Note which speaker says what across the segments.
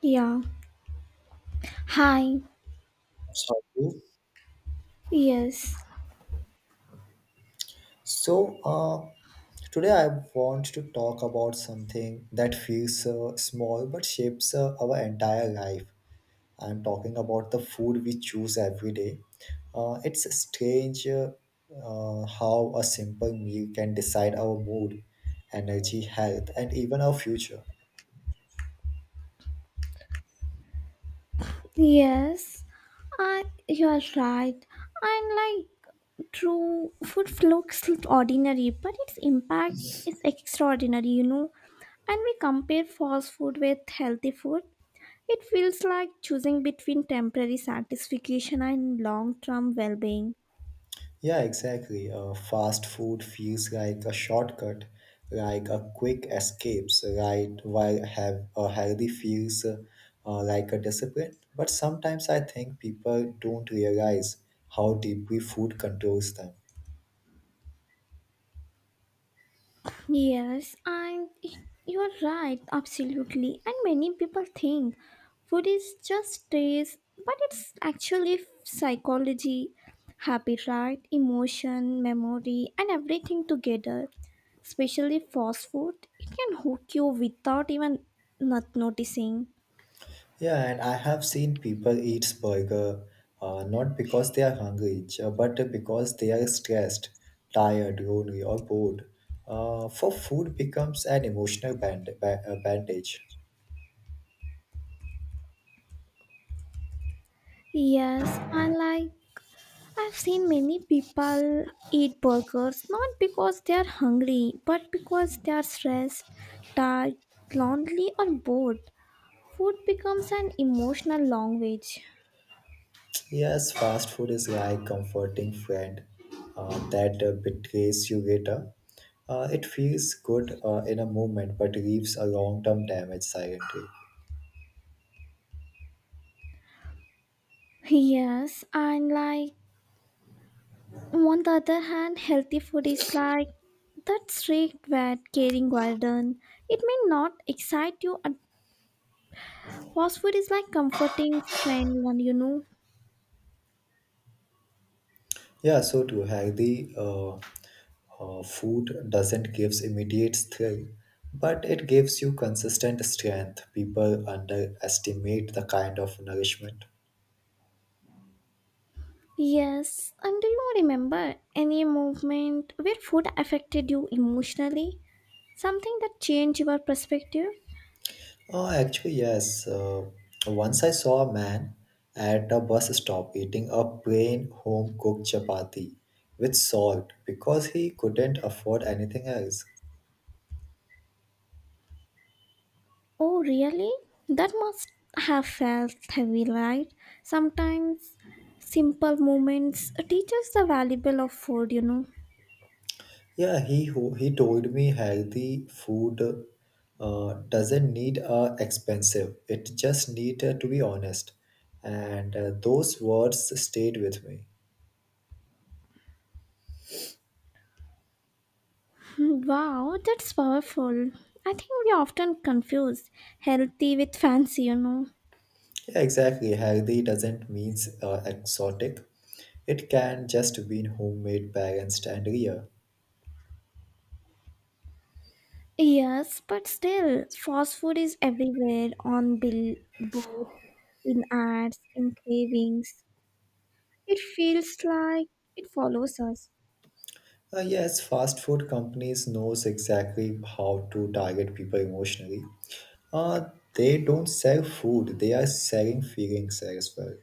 Speaker 1: Yeah. Hi.
Speaker 2: Sorry.
Speaker 1: Yes.
Speaker 2: So, uh, Today I want to talk about something that feels small but shapes our entire life. I'm talking about the food we choose every day. It's strange how a simple meal can decide our mood, energy, health, and even our future.
Speaker 1: Yes. I. You are right. And like, true, food looks ordinary, but its impact is extraordinary. And we compare fast food with healthy food. It feels like choosing between temporary satisfaction and long-term well-being.
Speaker 2: Yeah, exactly. Fast food feels like a shortcut, like a quick escapes, right? While have a healthy feels like a discipline. But sometimes I think people don't realize how deeply food controls them.
Speaker 1: Yes, and you are right, absolutely. And many people think food is just taste, but it's actually psychology, habit, right? Emotion, memory, and everything together. Especially fast food, it can hook you without even not noticing.
Speaker 2: Yeah, and I have seen people eat burger not because they are hungry, but because they are stressed, tired, lonely, or bored. For food becomes an emotional bandage.
Speaker 1: Yes, and like I've seen many people eat burgers not because they are hungry, but because they are stressed, tired, lonely, or bored. Food becomes an emotional language.
Speaker 2: Yes, fast food is like comforting friend that betrays you later. It feels good in a moment, but leaves a long-term damage silently.
Speaker 1: Yes, and like on the other hand, healthy food is like that strict wet caring garden. It may not excite you, and fast food is like comforting friend, one.
Speaker 2: Yeah, so to healthy food doesn't gives immediate thrill, but it gives you consistent strength. People underestimate the kind of nourishment.
Speaker 1: Yes, and do you remember any movement where food affected you emotionally? Something that changed your perspective?
Speaker 2: Oh, actually, yes. Once I saw a man at a bus stop eating a plain home cooked chapati with salt because he couldn't afford anything else.
Speaker 1: Oh, really? That must have felt heavy, right? Sometimes simple moments teach us the valuable of food.
Speaker 2: Yeah, he told me healthy food doesn't need expensive. It just need to be honest, and those words stayed with me.
Speaker 1: Hmm. Wow, that's powerful. I think we often confuse healthy with fancy.
Speaker 2: Yeah, exactly. Healthy doesn't means exotic. It can just mean homemade, balanced, and real.
Speaker 1: Yes, but still, fast food is everywhere on billboards, in ads, in cravings. It feels like it follows us.
Speaker 2: Yes, fast food companies knows exactly how to target people emotionally. Uh, they don't sell food; they are selling feelings as well.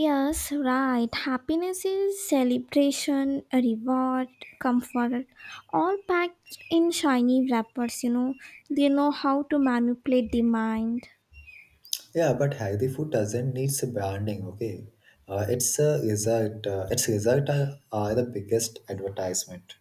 Speaker 1: Yes, right. Happiness is celebration, a reward, comfort, all packed in shiny wrappers. They know how to manipulate the mind.
Speaker 2: Yeah, but healthy food doesn't need some branding. Okay, it's a result. Its result are the biggest advertisement.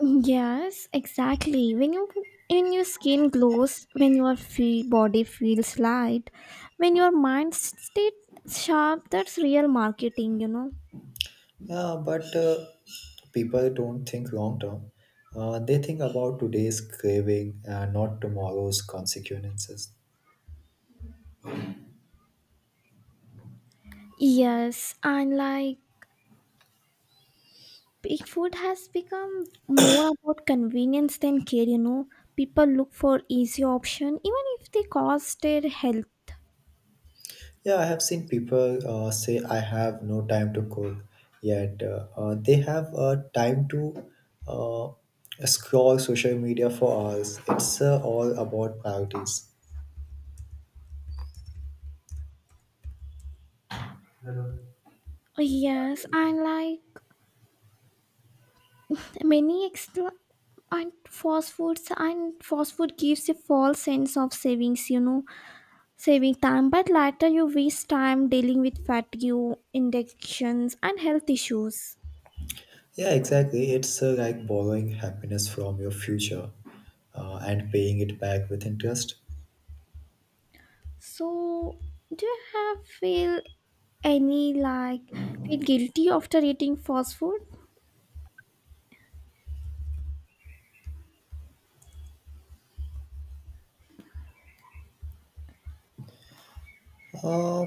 Speaker 1: Yes, exactly. When your skin glows, when your body feels light, when your mind stays sharp, that's real marketing.
Speaker 2: Yeah, but people don't think long term. They think about today's craving and not tomorrow's consequences.
Speaker 1: Yes, and like big food has become more about convenience than care. People look for easy option even if they cost their health.
Speaker 2: Yeah, I have seen people say, I have no time to cook, yet they have time to uh, scroll social media for hours. It's all about priorities.
Speaker 1: Yes, and like many extra and fast foods and fast food gives a false sense of savings, saving time, but later you waste time dealing with fatigue, injections, and health issues.
Speaker 2: Yeah, exactly. It's like borrowing happiness from your future and paying it back with interest.
Speaker 1: So, do you have feel any like feel guilty after eating fast food?
Speaker 2: Uh,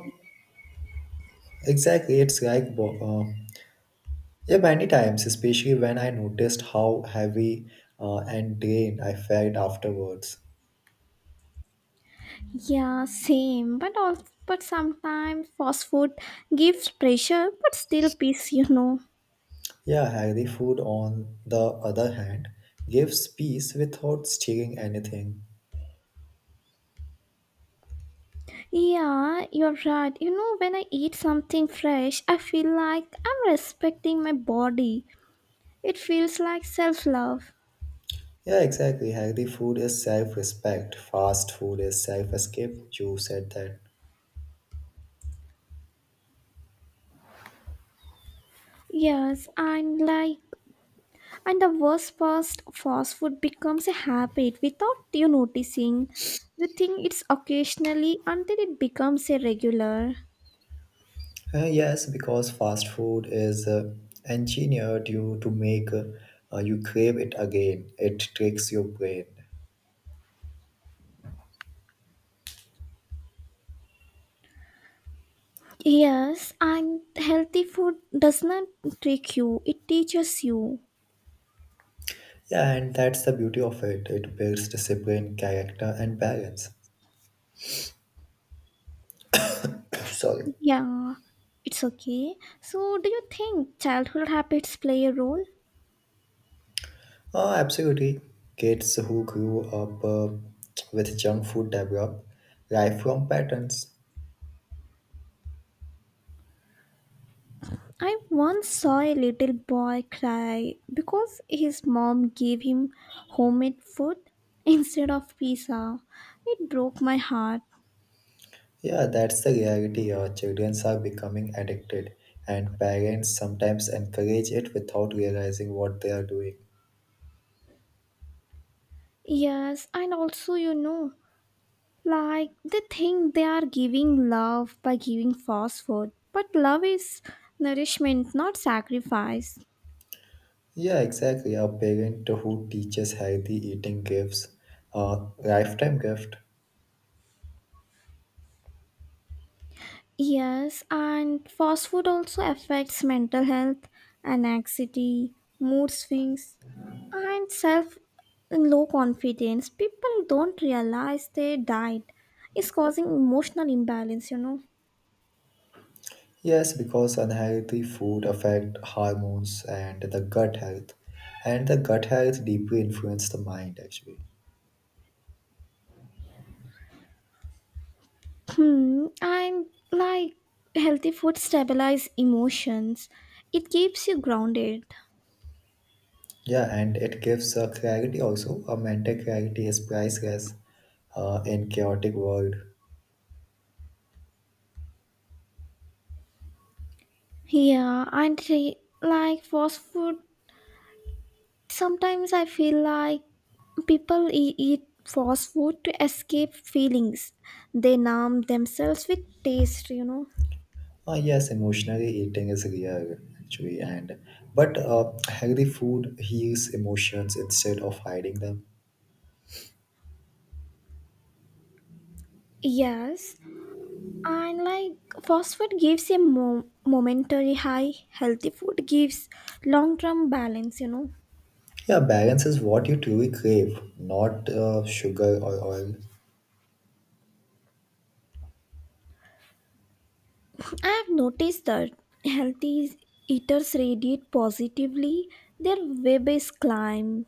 Speaker 2: exactly. It's like, yeah, many times, especially when I noticed how heavy and drained I felt afterwards.
Speaker 1: Yeah, same. But also, but sometimes fast food gives pressure, but still peace.
Speaker 2: Yeah, healthy food, on the other hand, gives peace without stealing anything.
Speaker 1: Yeah, you're right. When I eat something fresh, I feel like I'm respecting my body. It feels like self love.
Speaker 2: Yeah, exactly. Healthy food is self respect, fast food is self escape. You said that.
Speaker 1: Yes, and like, and the worst part, fast food becomes a habit without you noticing. You think it's occasionally until it becomes a regular.
Speaker 2: Yes, because fast food is engineered you to make you crave it again, it tricks your brain.
Speaker 1: Yes, and healthy food does not trick you, it teaches you.
Speaker 2: Yeah, and that's the beauty of it. It builds discipline, character, and balance. Sorry.
Speaker 1: Yeah, it's okay. So, do you think childhood habits play a role?
Speaker 2: Oh, absolutely. Kids who grew up with junk food develop lifelong patterns.
Speaker 1: I once saw a little boy cry because his mom gave him homemade food instead of pizza. It broke my heart.
Speaker 2: Yeah, that's the reality. Our children are becoming addicted, and parents sometimes encourage it without realizing what they are doing.
Speaker 1: Yes, and also, like they think they are giving love by giving fast food, but love is nourishment, not sacrifice.
Speaker 2: Yeah, exactly. A parent who teaches healthy eating gives a lifetime gift.
Speaker 1: Yes, and fast food also affects mental health, anxiety, mood swings, and self low confidence. People don't realize their diet is causing emotional imbalance.
Speaker 2: Yes, because unhealthy food affect hormones and the gut health, and the gut health deeply influence the mind actually.
Speaker 1: Hmm, am like healthy food stabilize emotions. It keeps you grounded.
Speaker 2: Yeah, and it gives a clarity also, a mental clarity is priceless in chaotic world.
Speaker 1: Yeah, and like fast food. Sometimes I feel like people eat fast food to escape feelings. They numb themselves with taste.
Speaker 2: Yes, emotionally eating is real actually, and but healthy food heals emotions instead of hiding them.
Speaker 1: Yes, and like fast food gives a momentary high, healthy food gives long term balance.
Speaker 2: Yeah, balance is what you truly crave, not sugar or oil.
Speaker 1: I have noticed that healthy eaters radiate positively, their web is climb.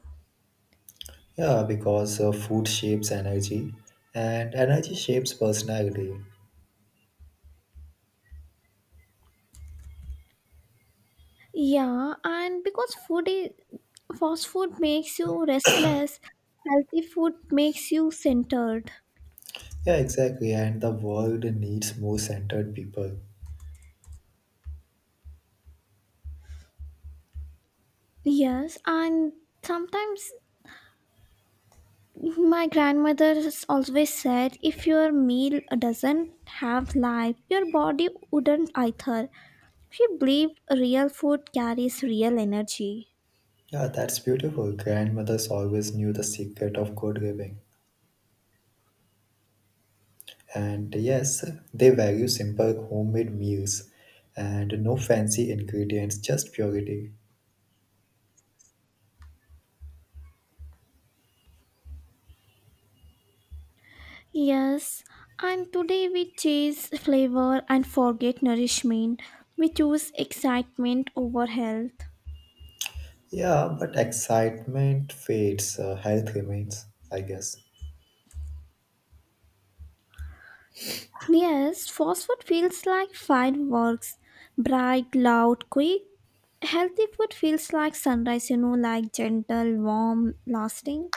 Speaker 2: Yeah, because food shapes energy, and energy shapes personality.
Speaker 1: Yeah, and because food is fast food makes you restless, healthy food makes you centered.
Speaker 2: Yeah, exactly, and the world needs more centered people.
Speaker 1: Yes, and sometimes my grandmother has always said if your meal doesn't have life, your body wouldn't either. She believed real food carries real energy.
Speaker 2: Yeah, that's beautiful. Grandmothers always knew the secret of good living. And yes, they value simple homemade meals and no fancy ingredients, just purity.
Speaker 1: Yes, and today we chase flavor and forget nourishment. We choose excitement over health.
Speaker 2: Yeah, but excitement fades, health remains, I guess.
Speaker 1: Yes, fast food feels like fireworks, bright, loud, quick. Healthy food feels like sunrise, like gentle, warm, lasting.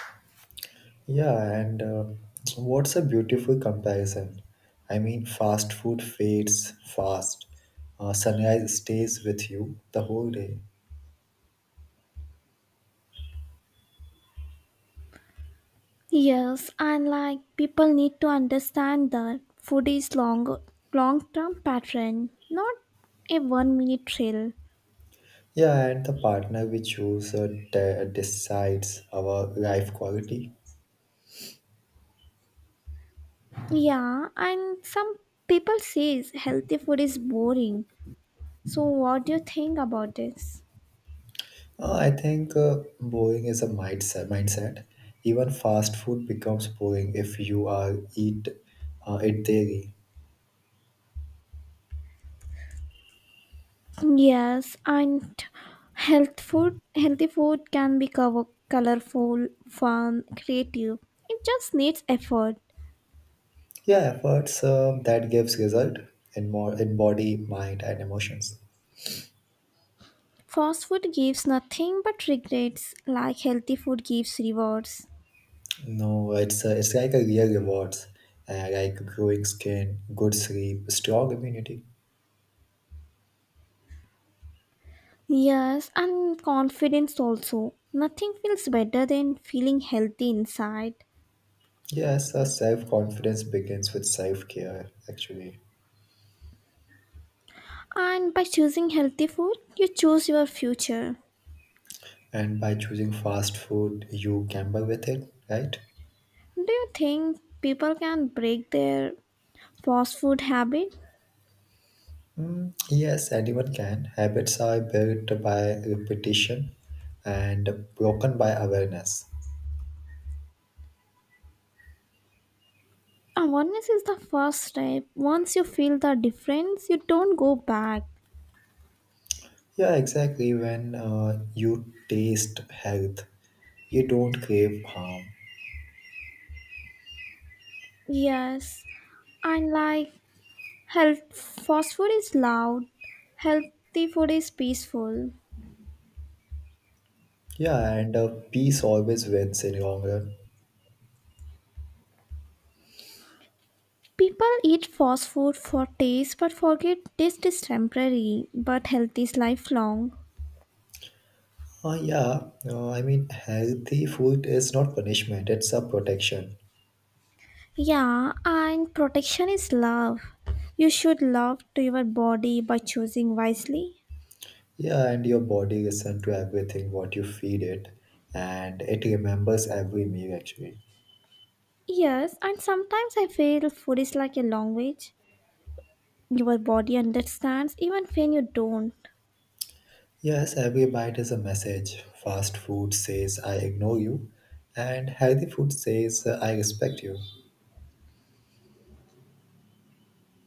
Speaker 2: Yeah, and so what's a beautiful comparison? I mean, fast food fades fast. Sunrise stays with you the whole day.
Speaker 1: Yes, and like people need to understand that food is long, long-term pattern, not a one-minute thrill.
Speaker 2: Yeah, and the partner we choose decides our life quality.
Speaker 1: Yeah, and some people says healthy food is boring. So what do you think about this?
Speaker 2: I think boring is a mindset. Mindset. Even fast food becomes boring if you are eat it daily.
Speaker 1: Yes, and healthy food can be cover, colorful, fun, creative. It just needs effort.
Speaker 2: Yeah, efforts that gives result in more in body, mind, and emotions.
Speaker 1: Fast food gives nothing but regrets, like healthy food gives rewards.
Speaker 2: No, it's like a real rewards, like growing skin, good sleep, strong immunity.
Speaker 1: Yes, and confidence also. Nothing feels better than feeling healthy inside.
Speaker 2: Yes, self confidence begins with self care. Actually.
Speaker 1: And by choosing healthy food, you choose your future.
Speaker 2: And by choosing fast food, you gamble with it, right?
Speaker 1: Do you think people can break their fast food habit?
Speaker 2: Mm, yes, anyone can. Habits are built by repetition and broken by awareness.
Speaker 1: Awareness is the first step. Once you feel the difference, you don't go back.
Speaker 2: Yeah, exactly. When you taste health, you don't crave harm.
Speaker 1: Yes, and like health, fast food is loud, healthy food is peaceful.
Speaker 2: Yeah, and peace always wins in long run.
Speaker 1: People eat fast food for taste but forget taste is temporary, but health is lifelong.
Speaker 2: Yeah, I mean, healthy food is not punishment, it's a protection.
Speaker 1: Yeah, and protection is love. You should love to your body by choosing wisely.
Speaker 2: Yeah, and your body listens to everything what you feed it, and it remembers every meal actually.
Speaker 1: Yes, and sometimes I feel food is like a language. Your body understands even when you don't.
Speaker 2: Yes, every bite is a message. Fast food says I ignore you, and healthy food says I respect you.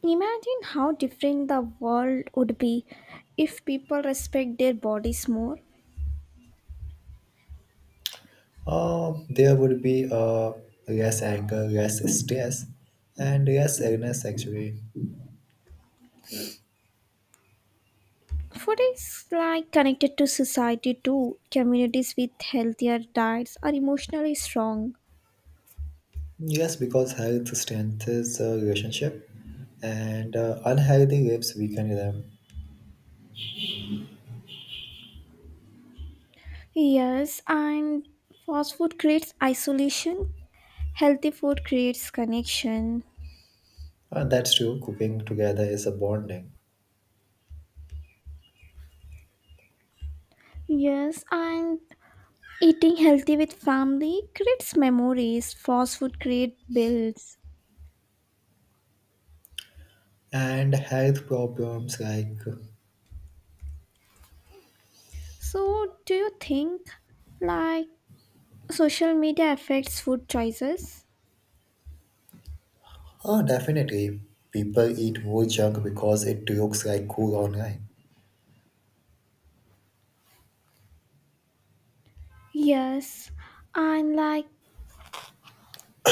Speaker 1: Imagine how different the world would be if people respect their bodies more.
Speaker 2: There would be less anger, less stress, and less illness actually.
Speaker 1: Food is like connected to society too. Communities with healthier diets are emotionally strong.
Speaker 2: Yes, because health strengthens a relationship, and unhealthy lives weaken them.
Speaker 1: Yes, and fast food creates isolation. Healthy food creates connection.
Speaker 2: That's true. Cooking together is a bonding.
Speaker 1: Yes, and eating healthy with family creates memories. Fast food creates bills.
Speaker 2: And health problems like
Speaker 1: So, do you think like social media affects food choices?
Speaker 2: oh definitely people eat more junk because it looks like cool online.
Speaker 1: Yes, and like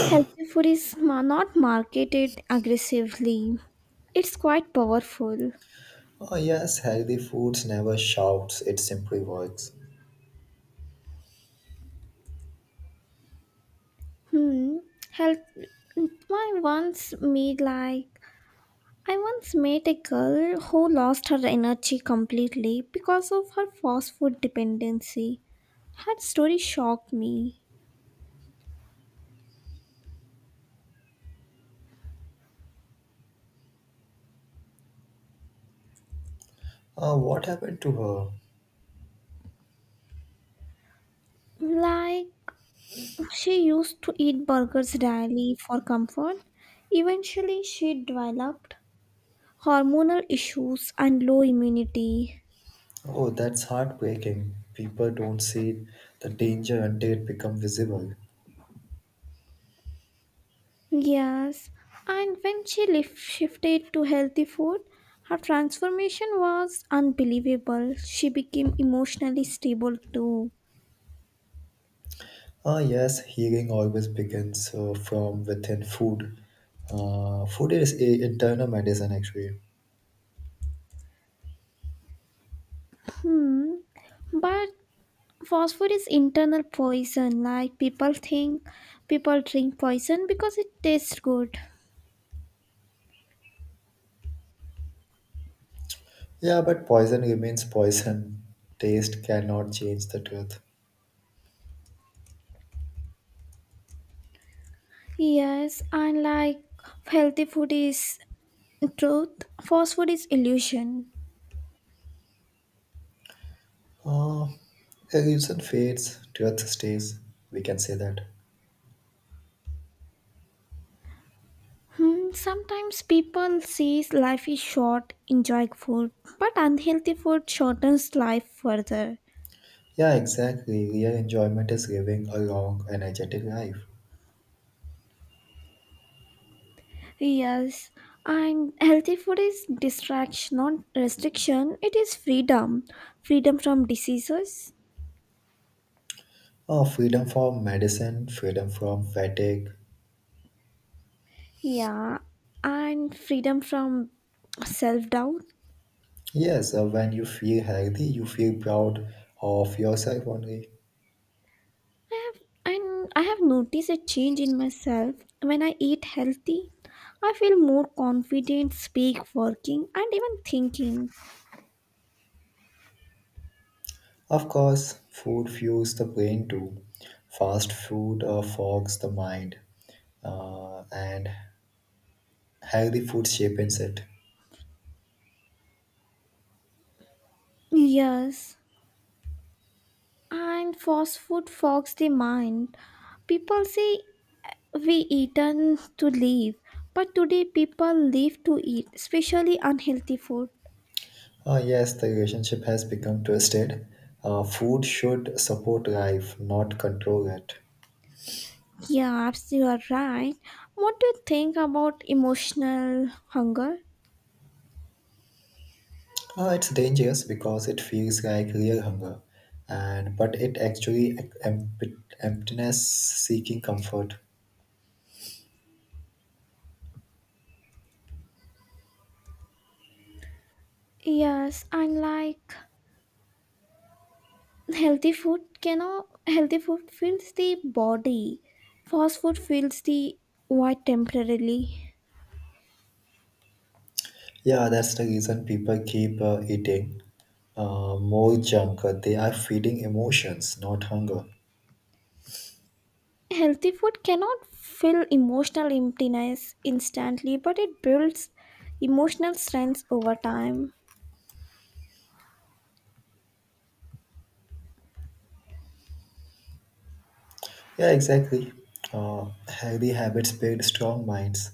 Speaker 1: healthy food is not marketed aggressively. It's quite powerful.
Speaker 2: Oh yes healthy foods never shouts, it simply works.
Speaker 1: Hmm. Health. I once made like I once met a girl who lost her energy completely because of her fast food dependency. Her story shocked me.
Speaker 2: Oh what happened to her?
Speaker 1: Like, she used to eat burgers daily for comfort. Eventually, she developed hormonal issues and low immunity.
Speaker 2: Oh that's heartbreaking, people don't see the danger until it becomes visible.
Speaker 1: Yes, and when she shifted to healthy food, her transformation was unbelievable. She became emotionally stable too.
Speaker 2: Ah, yes, healing always begins from within food, food is a internal medicine actually.
Speaker 1: Hmm. But fast food is internal poison. Like people think people drink poison because it tastes good.
Speaker 2: Yeah, but poison remains poison. Taste cannot change the truth.
Speaker 1: Yes, and like healthy food is truth, fast food is illusion.
Speaker 2: Uh, Illusion fades, truth stays. We can say that.
Speaker 1: Hmm, sometimes people say life is short, enjoy food, but unhealthy food shortens life further.
Speaker 2: Yeah, exactly. Real enjoyment is living a long, energetic life.
Speaker 1: Yes, and healthy food is distraction, not restriction. It is freedom, freedom from diseases.
Speaker 2: Oh, freedom from medicine, freedom from fatigue.
Speaker 1: Yeah, and freedom from self doubt.
Speaker 2: Yes, when you feel healthy, you feel proud of yourself only.
Speaker 1: I have I have noticed a change in myself. When I eat healthy, I feel more confident, speak, working, and even thinking.
Speaker 2: Of course, food fuels the brain too. Fast food fogs the mind and Agri food shapes it.
Speaker 1: Yes, and fast food fogs the mind. People say we eaten to live, but today people live to eat, especially unhealthy food.
Speaker 2: Ah, yes, the relationship has become twisted. Food should support life, not control it.
Speaker 1: Yeah, you are right. What do you think about emotional hunger?
Speaker 2: It's dangerous because it feels like real hunger, and but it actually emptiness seeking comfort.
Speaker 1: Yes, and like healthy food cannot healthy food fills the body. Fast food fills the void temporarily.
Speaker 2: Yeah, that's the reason people keep eating more junk. They are feeding emotions, not hunger.
Speaker 1: Healthy food cannot fill emotional emptiness instantly, but it builds emotional strength over time.
Speaker 2: Yeah, exactly. Healthy habits build strong minds.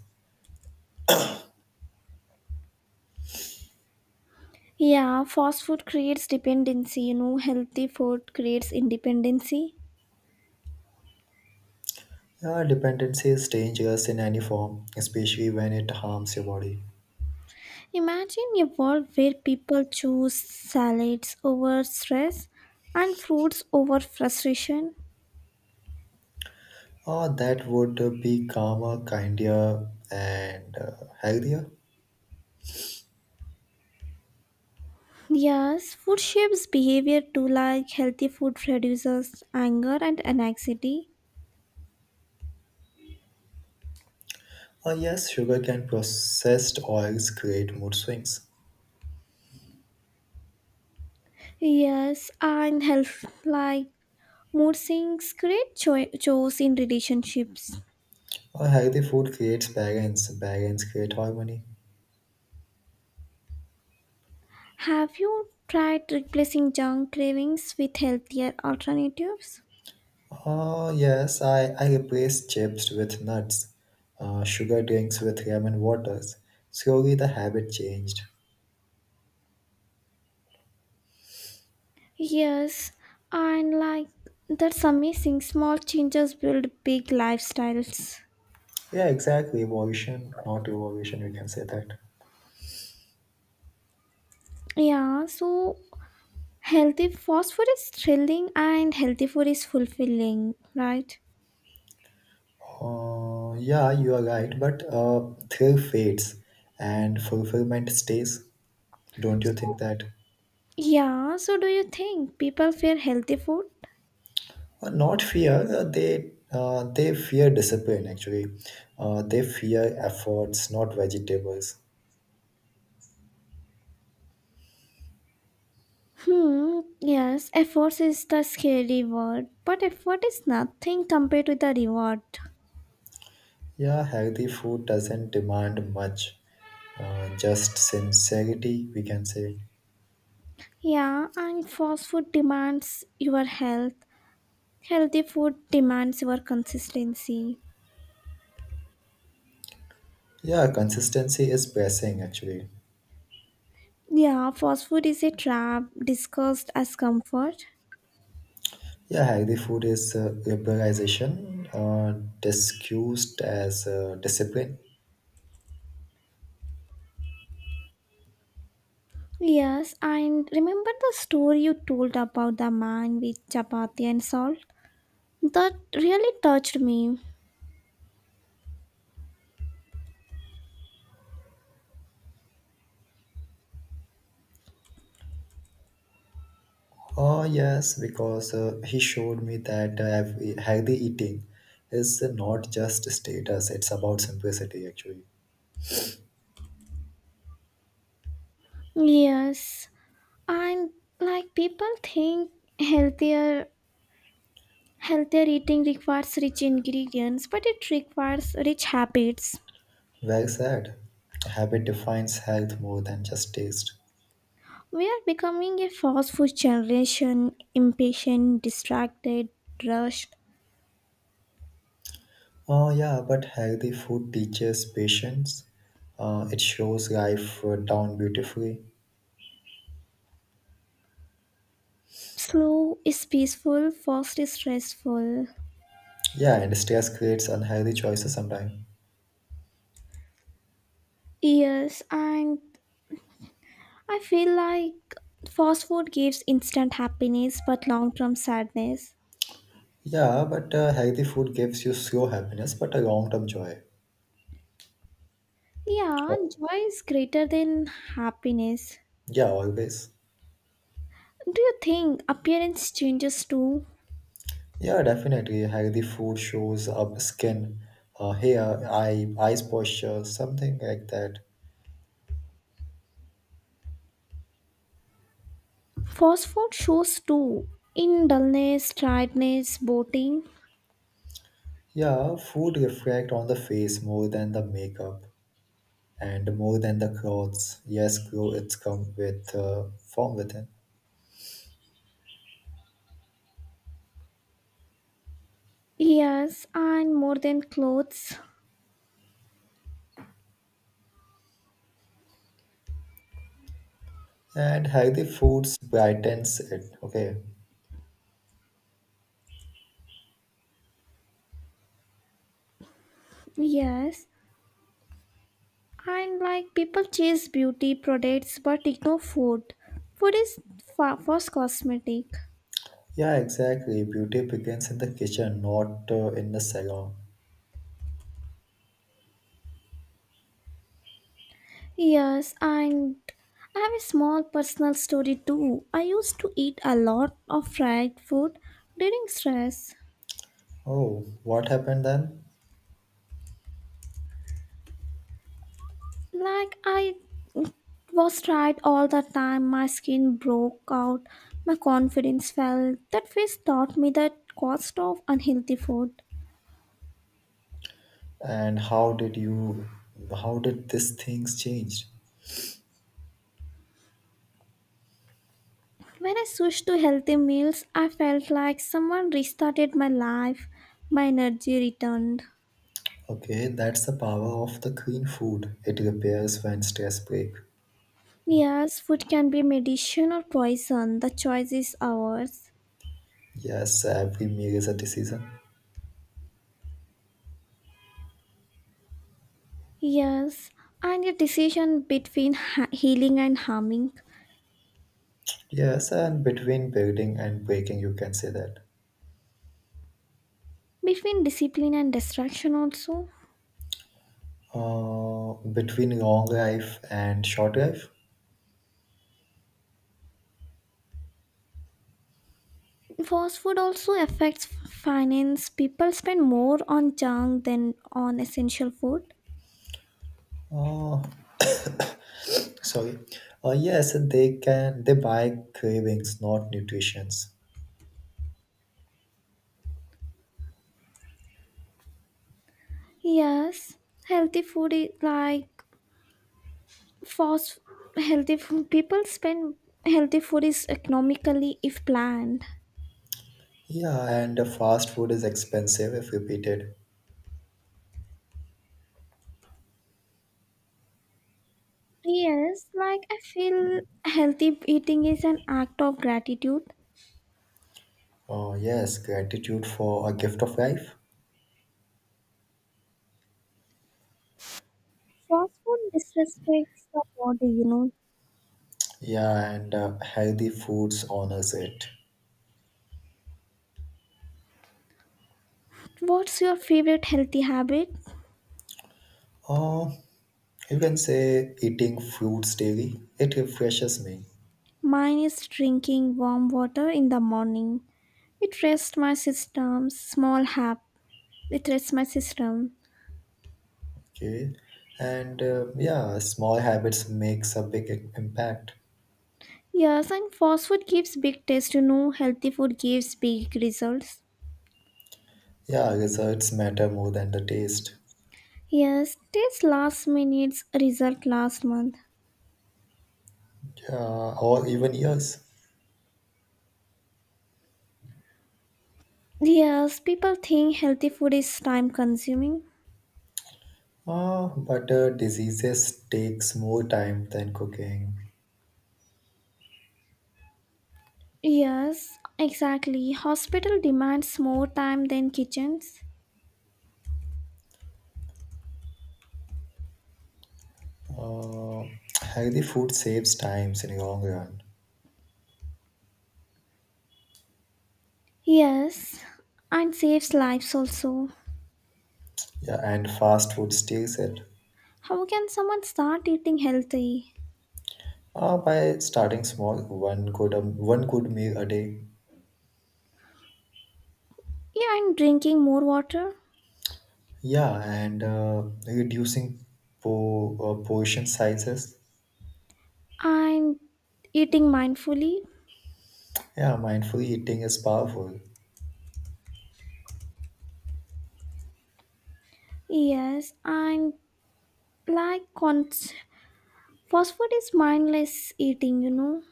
Speaker 1: Yeah, fast food creates dependency, healthy food creates independency.
Speaker 2: Dependency is dangerous in any form, especially when it harms your body.
Speaker 1: Imagine a world where people choose salads over stress and fruits over frustration.
Speaker 2: That would be calmer, kinder, and healthier.
Speaker 1: Yes, food shapes behavior too, like healthy food reduces anger and anxiety.
Speaker 2: Yes, sugar can processed oils create mood swings.
Speaker 1: Yes, and health, like mood swings, create chores in relationships.
Speaker 2: Healthy food creates balance, balance creates harmony.
Speaker 1: Have you tried replacing junk cravings with healthier alternatives?
Speaker 2: Yes, I replace chips with nuts, sugar drinks with lemon waters. Slowly the habit changed.
Speaker 1: Yes, and like that's amazing. Small changes build big lifestyles.
Speaker 2: Yeah, exactly. Evolution, not revolution, we can say that.
Speaker 1: Yeah, so healthy fast food is thrilling and healthy food is fulfilling, right?
Speaker 2: Yeah, you are right, but thrill fades and fulfillment stays. Don't you think
Speaker 1: So,
Speaker 2: that?
Speaker 1: yeah, so do you think people fear healthy food?
Speaker 2: Not fear. They fear discipline. Actually, they fear efforts, not vegetables.
Speaker 1: Hmm, yes, effort is the scary word, but effort is nothing compared to the reward.
Speaker 2: Yeah, healthy food doesn't demand much. Just sincerity, we can say.
Speaker 1: Yeah, and fast food demands your health. Healthy food demands your consistency.
Speaker 2: Yeah, consistency is pressing actually.
Speaker 1: Yeah, fast food is a trap discussed as comfort.
Speaker 2: Yeah, healthy food is liberalization, discussed as discipline.
Speaker 1: Yes, and remember the story you told about the man with chapati and salt? That really touched me.
Speaker 2: Oh, yes, because he showed me that healthy eating is not just status, it's about simplicity actually.
Speaker 1: Yes, and like people think healthier healthier eating requires rich ingredients but it requires rich habits.
Speaker 2: Well said. Habit defines health more than just taste.
Speaker 1: We are becoming a fast food generation, impatient, distracted, rushed.
Speaker 2: Oh, yeah, but healthy food teaches patience. It shows life down beautifully.
Speaker 1: Slow is peaceful, fast is stressful.
Speaker 2: Yeah, and stress creates unhealthy choices sometimes.
Speaker 1: Yes, and I feel like fast food gives instant happiness but long-term sadness.
Speaker 2: Yeah, but healthy food gives you slow happiness, but a long term joy.
Speaker 1: Yeah,
Speaker 2: Oh,
Speaker 1: joy is greater than happiness.
Speaker 2: yeah, always.
Speaker 1: Do you think appearance changes too?
Speaker 2: Yeah, definitely. Like the food shows up skin, hair, eyes posture, something like that.
Speaker 1: Fast food shows too. In dullness, tiredness, boating.
Speaker 2: Yeah, food reflect on the face more than the makeup and more than the clothes. Yes, clothes come with form within,
Speaker 1: Yes, and more than clothes.
Speaker 2: and healthy foods brightens it. Okay.
Speaker 1: Yes, and like people chase beauty products but ignore food. Food is first cosmetic.
Speaker 2: Yeah, exactly. Beauty begins in the kitchen, not in the salon.
Speaker 1: Yes, and I have a small personal story too. I used to eat a lot of fried food during stress.
Speaker 2: Oh, what happened then?
Speaker 1: Like I it was tight all the time. My skin broke out. My confidence fell. That phase taught me the cost of unhealthy food.
Speaker 2: And how did you? How did these things change?
Speaker 1: When I switched to healthy meals, I felt like someone restarted my life. My energy returned.
Speaker 2: Okay, that's the power of the clean food. It repairs when stress break.
Speaker 1: Yes, food can be medicine or poison. The choice is ours.
Speaker 2: Yes, every meal is a decision.
Speaker 1: Yes, and a decision between healing and harming,
Speaker 2: Yes, and between building and breaking, you can say that.
Speaker 1: between discipline and distraction also.
Speaker 2: Between long life and short life.
Speaker 1: Fast food also affects finance. People spend more on junk than on essential food.
Speaker 2: Uh, Sorry. Yes, they can. They buy cravings, not nutritions.
Speaker 1: Yes, healthy food is like fast healthy food. People spend Healthy food is economically if planned.
Speaker 2: Yeah, and the fast food is expensive if repeated.
Speaker 1: Yes, like I feel healthy eating is an act of gratitude.
Speaker 2: Oh, yes, gratitude for a gift of life.
Speaker 1: Fast food disrespects the body.
Speaker 2: Yeah, and healthy foods honors it.
Speaker 1: What's your favorite healthy habit?
Speaker 2: Uh, you can say eating fruits daily. It refreshes me.
Speaker 1: Mine is drinking warm water in the morning. It rests my system, small hap. It rests my system.
Speaker 2: Okay. And yeah, small habits makes a big impact.
Speaker 1: Yes, and fast food gives big taste. Healthy food gives big results.
Speaker 2: Yeah, results matter more than the taste.
Speaker 1: Yes, taste last minutes, result last month.
Speaker 2: Yeah, or even years.
Speaker 1: Yes, people think healthy food is time consuming.
Speaker 2: But diseases takes more time than cooking.
Speaker 1: Yes, exactly. Hospital demands more time than kitchens.
Speaker 2: Uh, Healthy food saves times in long run.
Speaker 1: Yes, and saves lives also.
Speaker 2: Yeah, and fast food steals it.
Speaker 1: How can someone start eating healthy?
Speaker 2: By starting small, one good meal a day.
Speaker 1: Yeah, and drinking more water?
Speaker 2: Yeah, and reducing portion sizes.
Speaker 1: And eating mindfully.
Speaker 2: Yeah, mindful eating is powerful.
Speaker 1: Yes, and like fast food is mindless eating.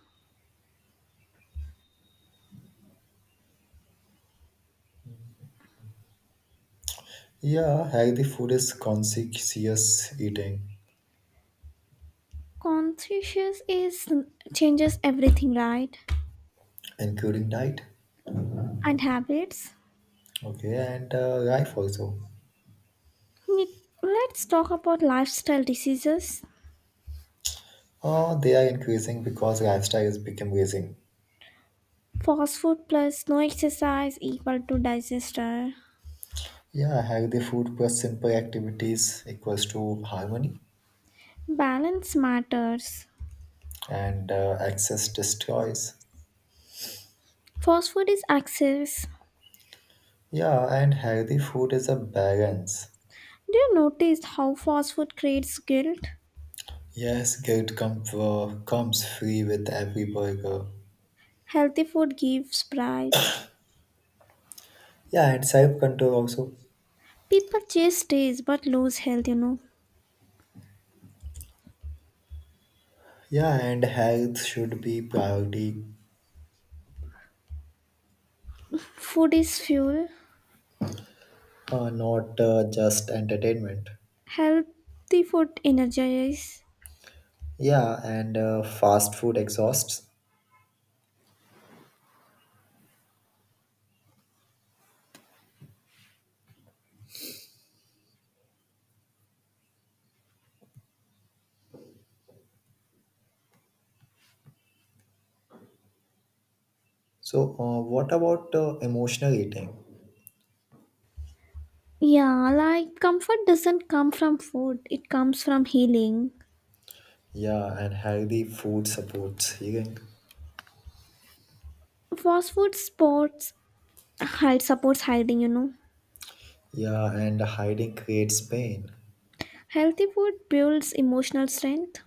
Speaker 2: Yeah, healthy food is conscious eating,
Speaker 1: Conscious is changes everything, right?
Speaker 2: including diet.
Speaker 1: And habits.
Speaker 2: Okay, and life also.
Speaker 1: Ne- Let's talk about lifestyle diseases.
Speaker 2: Oh, they are increasing because lifestyle is becoming raising.
Speaker 1: Fast food plus no exercise equal to digester.
Speaker 2: Yeah, healthy food plus simple activities equals to harmony,
Speaker 1: Balance matters.
Speaker 2: and excess destroys.
Speaker 1: Fast food is access.
Speaker 2: Yeah, and healthy food is a balance.
Speaker 1: Do you notice how fast food creates guilt?
Speaker 2: Yes, comes free with every burger.
Speaker 1: Healthy food gives pride.
Speaker 2: Yeah, and self control also.
Speaker 1: People chase taste but lose health.
Speaker 2: Yeah, and health should be priority,
Speaker 1: Food is fuel,
Speaker 2: not just entertainment.
Speaker 1: healthy food energizes.
Speaker 2: Yeah, and fast food exhausts. So what about emotional eating?
Speaker 1: Yeah, like comfort doesn't come from food, it comes from healing.
Speaker 2: Yeah, and healthy food supports healing.
Speaker 1: Fast food sports hide supports hiding.
Speaker 2: Yeah, and hiding creates pain.
Speaker 1: Healthy food builds emotional strength.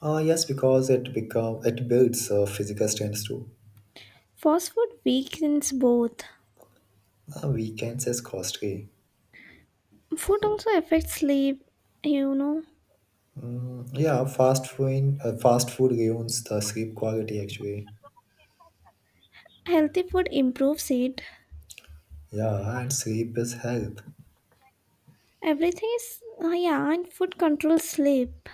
Speaker 2: Yes, because it builds physical strength too.
Speaker 1: Fast food weakens both.
Speaker 2: Weekends is costly.
Speaker 1: Food also affects sleep, you know.
Speaker 2: Yeah, fast food ruins the sleep quality actually.
Speaker 1: Healthy food improves it.
Speaker 2: Yeah, and sleep is health.
Speaker 1: Everything is, yeah, and food controls sleep.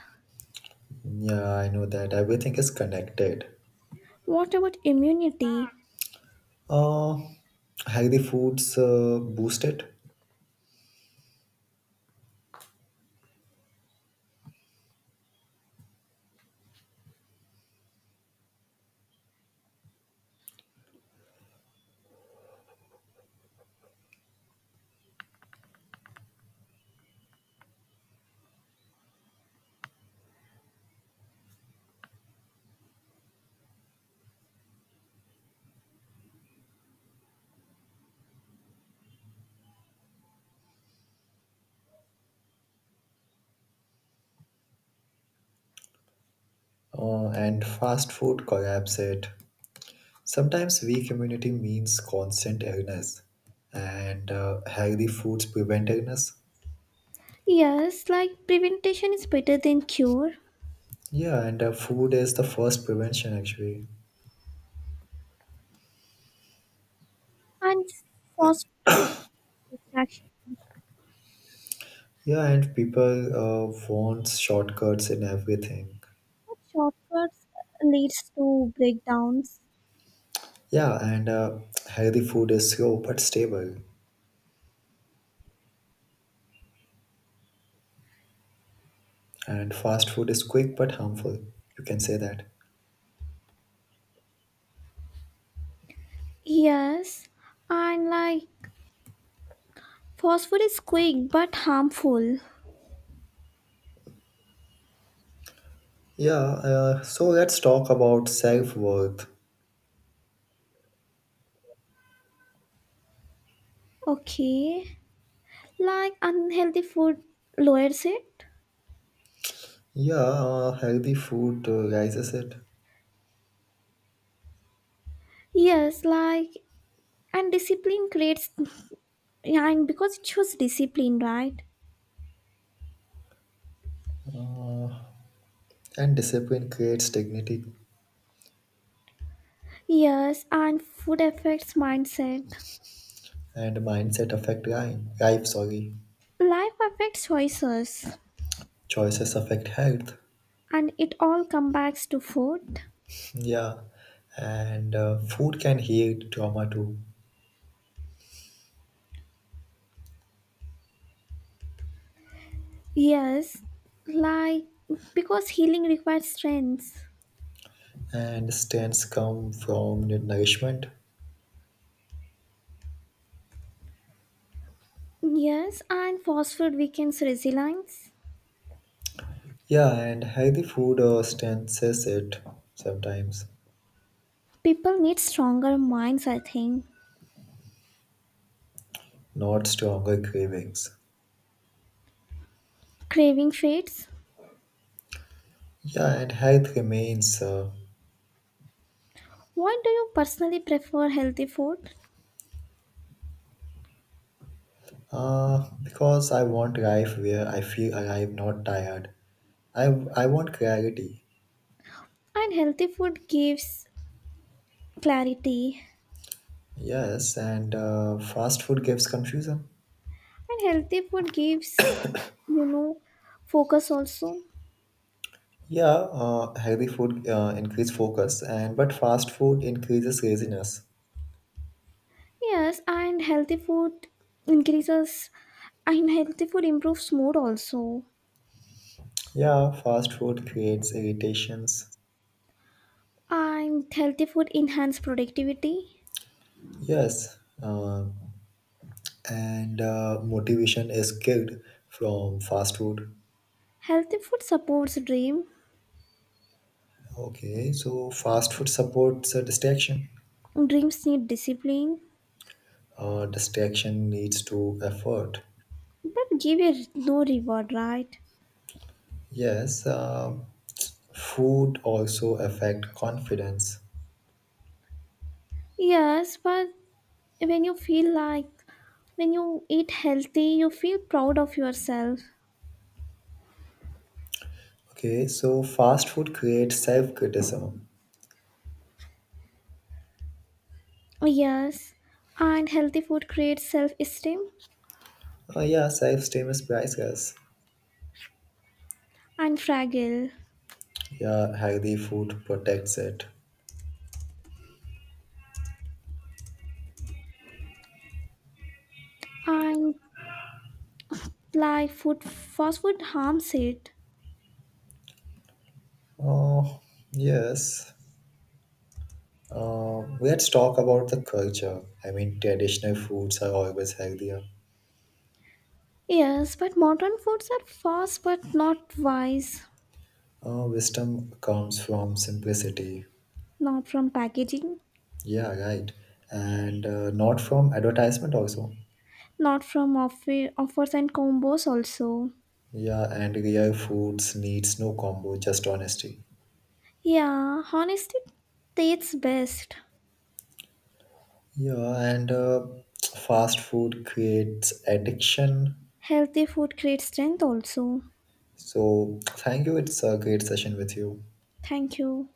Speaker 2: Yeah, I know that. Everything is connected.
Speaker 1: What about immunity?
Speaker 2: Uh, Healthy foods boost it, and fast food collapse it. Sometimes weak immunity means constant illness, and healthy foods prevent illness.
Speaker 1: Yes, like prevention is better than cure,
Speaker 2: Yeah, and food is the first prevention actually.
Speaker 1: and fostering distraction
Speaker 2: Yeah, and people want shortcuts in everything.
Speaker 1: or shortcuts leads to breakdowns.
Speaker 2: Yeah, and healthy food is slow but stable, and fast food is quick but harmful. You can say that.
Speaker 1: Yes, and like fast food is quick but harmful.
Speaker 2: Yeah, so let's talk about self worth.
Speaker 1: Okay, like unhealthy food lowers it.
Speaker 2: Yeah, healthy food raises it,
Speaker 1: Yes, like and discipline creates and because it shows discipline, right?
Speaker 2: uh, and discipline creates dignity,
Speaker 1: Yes, and food affects mindset.
Speaker 2: and mindset affect life. Life, sorry,
Speaker 1: Life affects choices.
Speaker 2: choices affect health.
Speaker 1: And it all comes back to food.
Speaker 2: Yeah, and food can heal trauma too,
Speaker 1: Yes, like because healing requires strength.
Speaker 2: and strengths come from nourishment.
Speaker 1: Yes, and fast food weakens resilience.
Speaker 2: Yeah, and healthy food stances it sometimes,
Speaker 1: People need stronger minds I think.
Speaker 2: not stronger cravings.
Speaker 1: Craving fades.
Speaker 2: Yeah, and health remains uh,
Speaker 1: What do you personally prefer? Healthy food.
Speaker 2: uh, because I want life where I feel alive, not tired. I, I want clarity.
Speaker 1: And healthy food gives clarity.
Speaker 2: Yes, and fast food gives confusion.
Speaker 1: And healthy food gives you know focus also.
Speaker 2: Yeah, healthy food increase focus, and but fast food increases laziness.
Speaker 1: Yes, and increases healthy food improves mood also.
Speaker 2: Yeah, fast food creates irritations.
Speaker 1: And healthy food enhance productivity.
Speaker 2: Yes, uh, and motivation is killed from fast food.
Speaker 1: Healthy food supports dream.
Speaker 2: Okay, so fast food supports distraction.
Speaker 1: Dreams need discipline,
Speaker 2: Distraction leads to effort.
Speaker 1: but give you no reward, right?
Speaker 2: Yes, food also affect confidence.
Speaker 1: Yes, but when you feel like when you eat healthy, you feel proud of yourself.
Speaker 2: Okay, so fast food creates self criticism.
Speaker 1: Yes, and healthy food creates self-esteem
Speaker 2: Yeah, self esteem is priceless.
Speaker 1: and fragile.
Speaker 2: Yeah, healthy food protects it.
Speaker 1: And like food, fast food harms it.
Speaker 2: Oh, yes. Let's talk about the culture. I mean, traditional foods are always healthier.
Speaker 1: Yes, but modern foods are fast but not wise,
Speaker 2: Wisdom comes from simplicity.
Speaker 1: not from packaging.
Speaker 2: Yeah, right. And not from advertisement also.
Speaker 1: Not from offers and combos also.
Speaker 2: Yeah, and real foods needs no combo, just honesty.
Speaker 1: Yeah, honesty tastes best.
Speaker 2: Yeah, and fast food creates addiction.
Speaker 1: Healthy food creates strength also.
Speaker 2: So thank you. It's a great session with you.
Speaker 1: Thank you.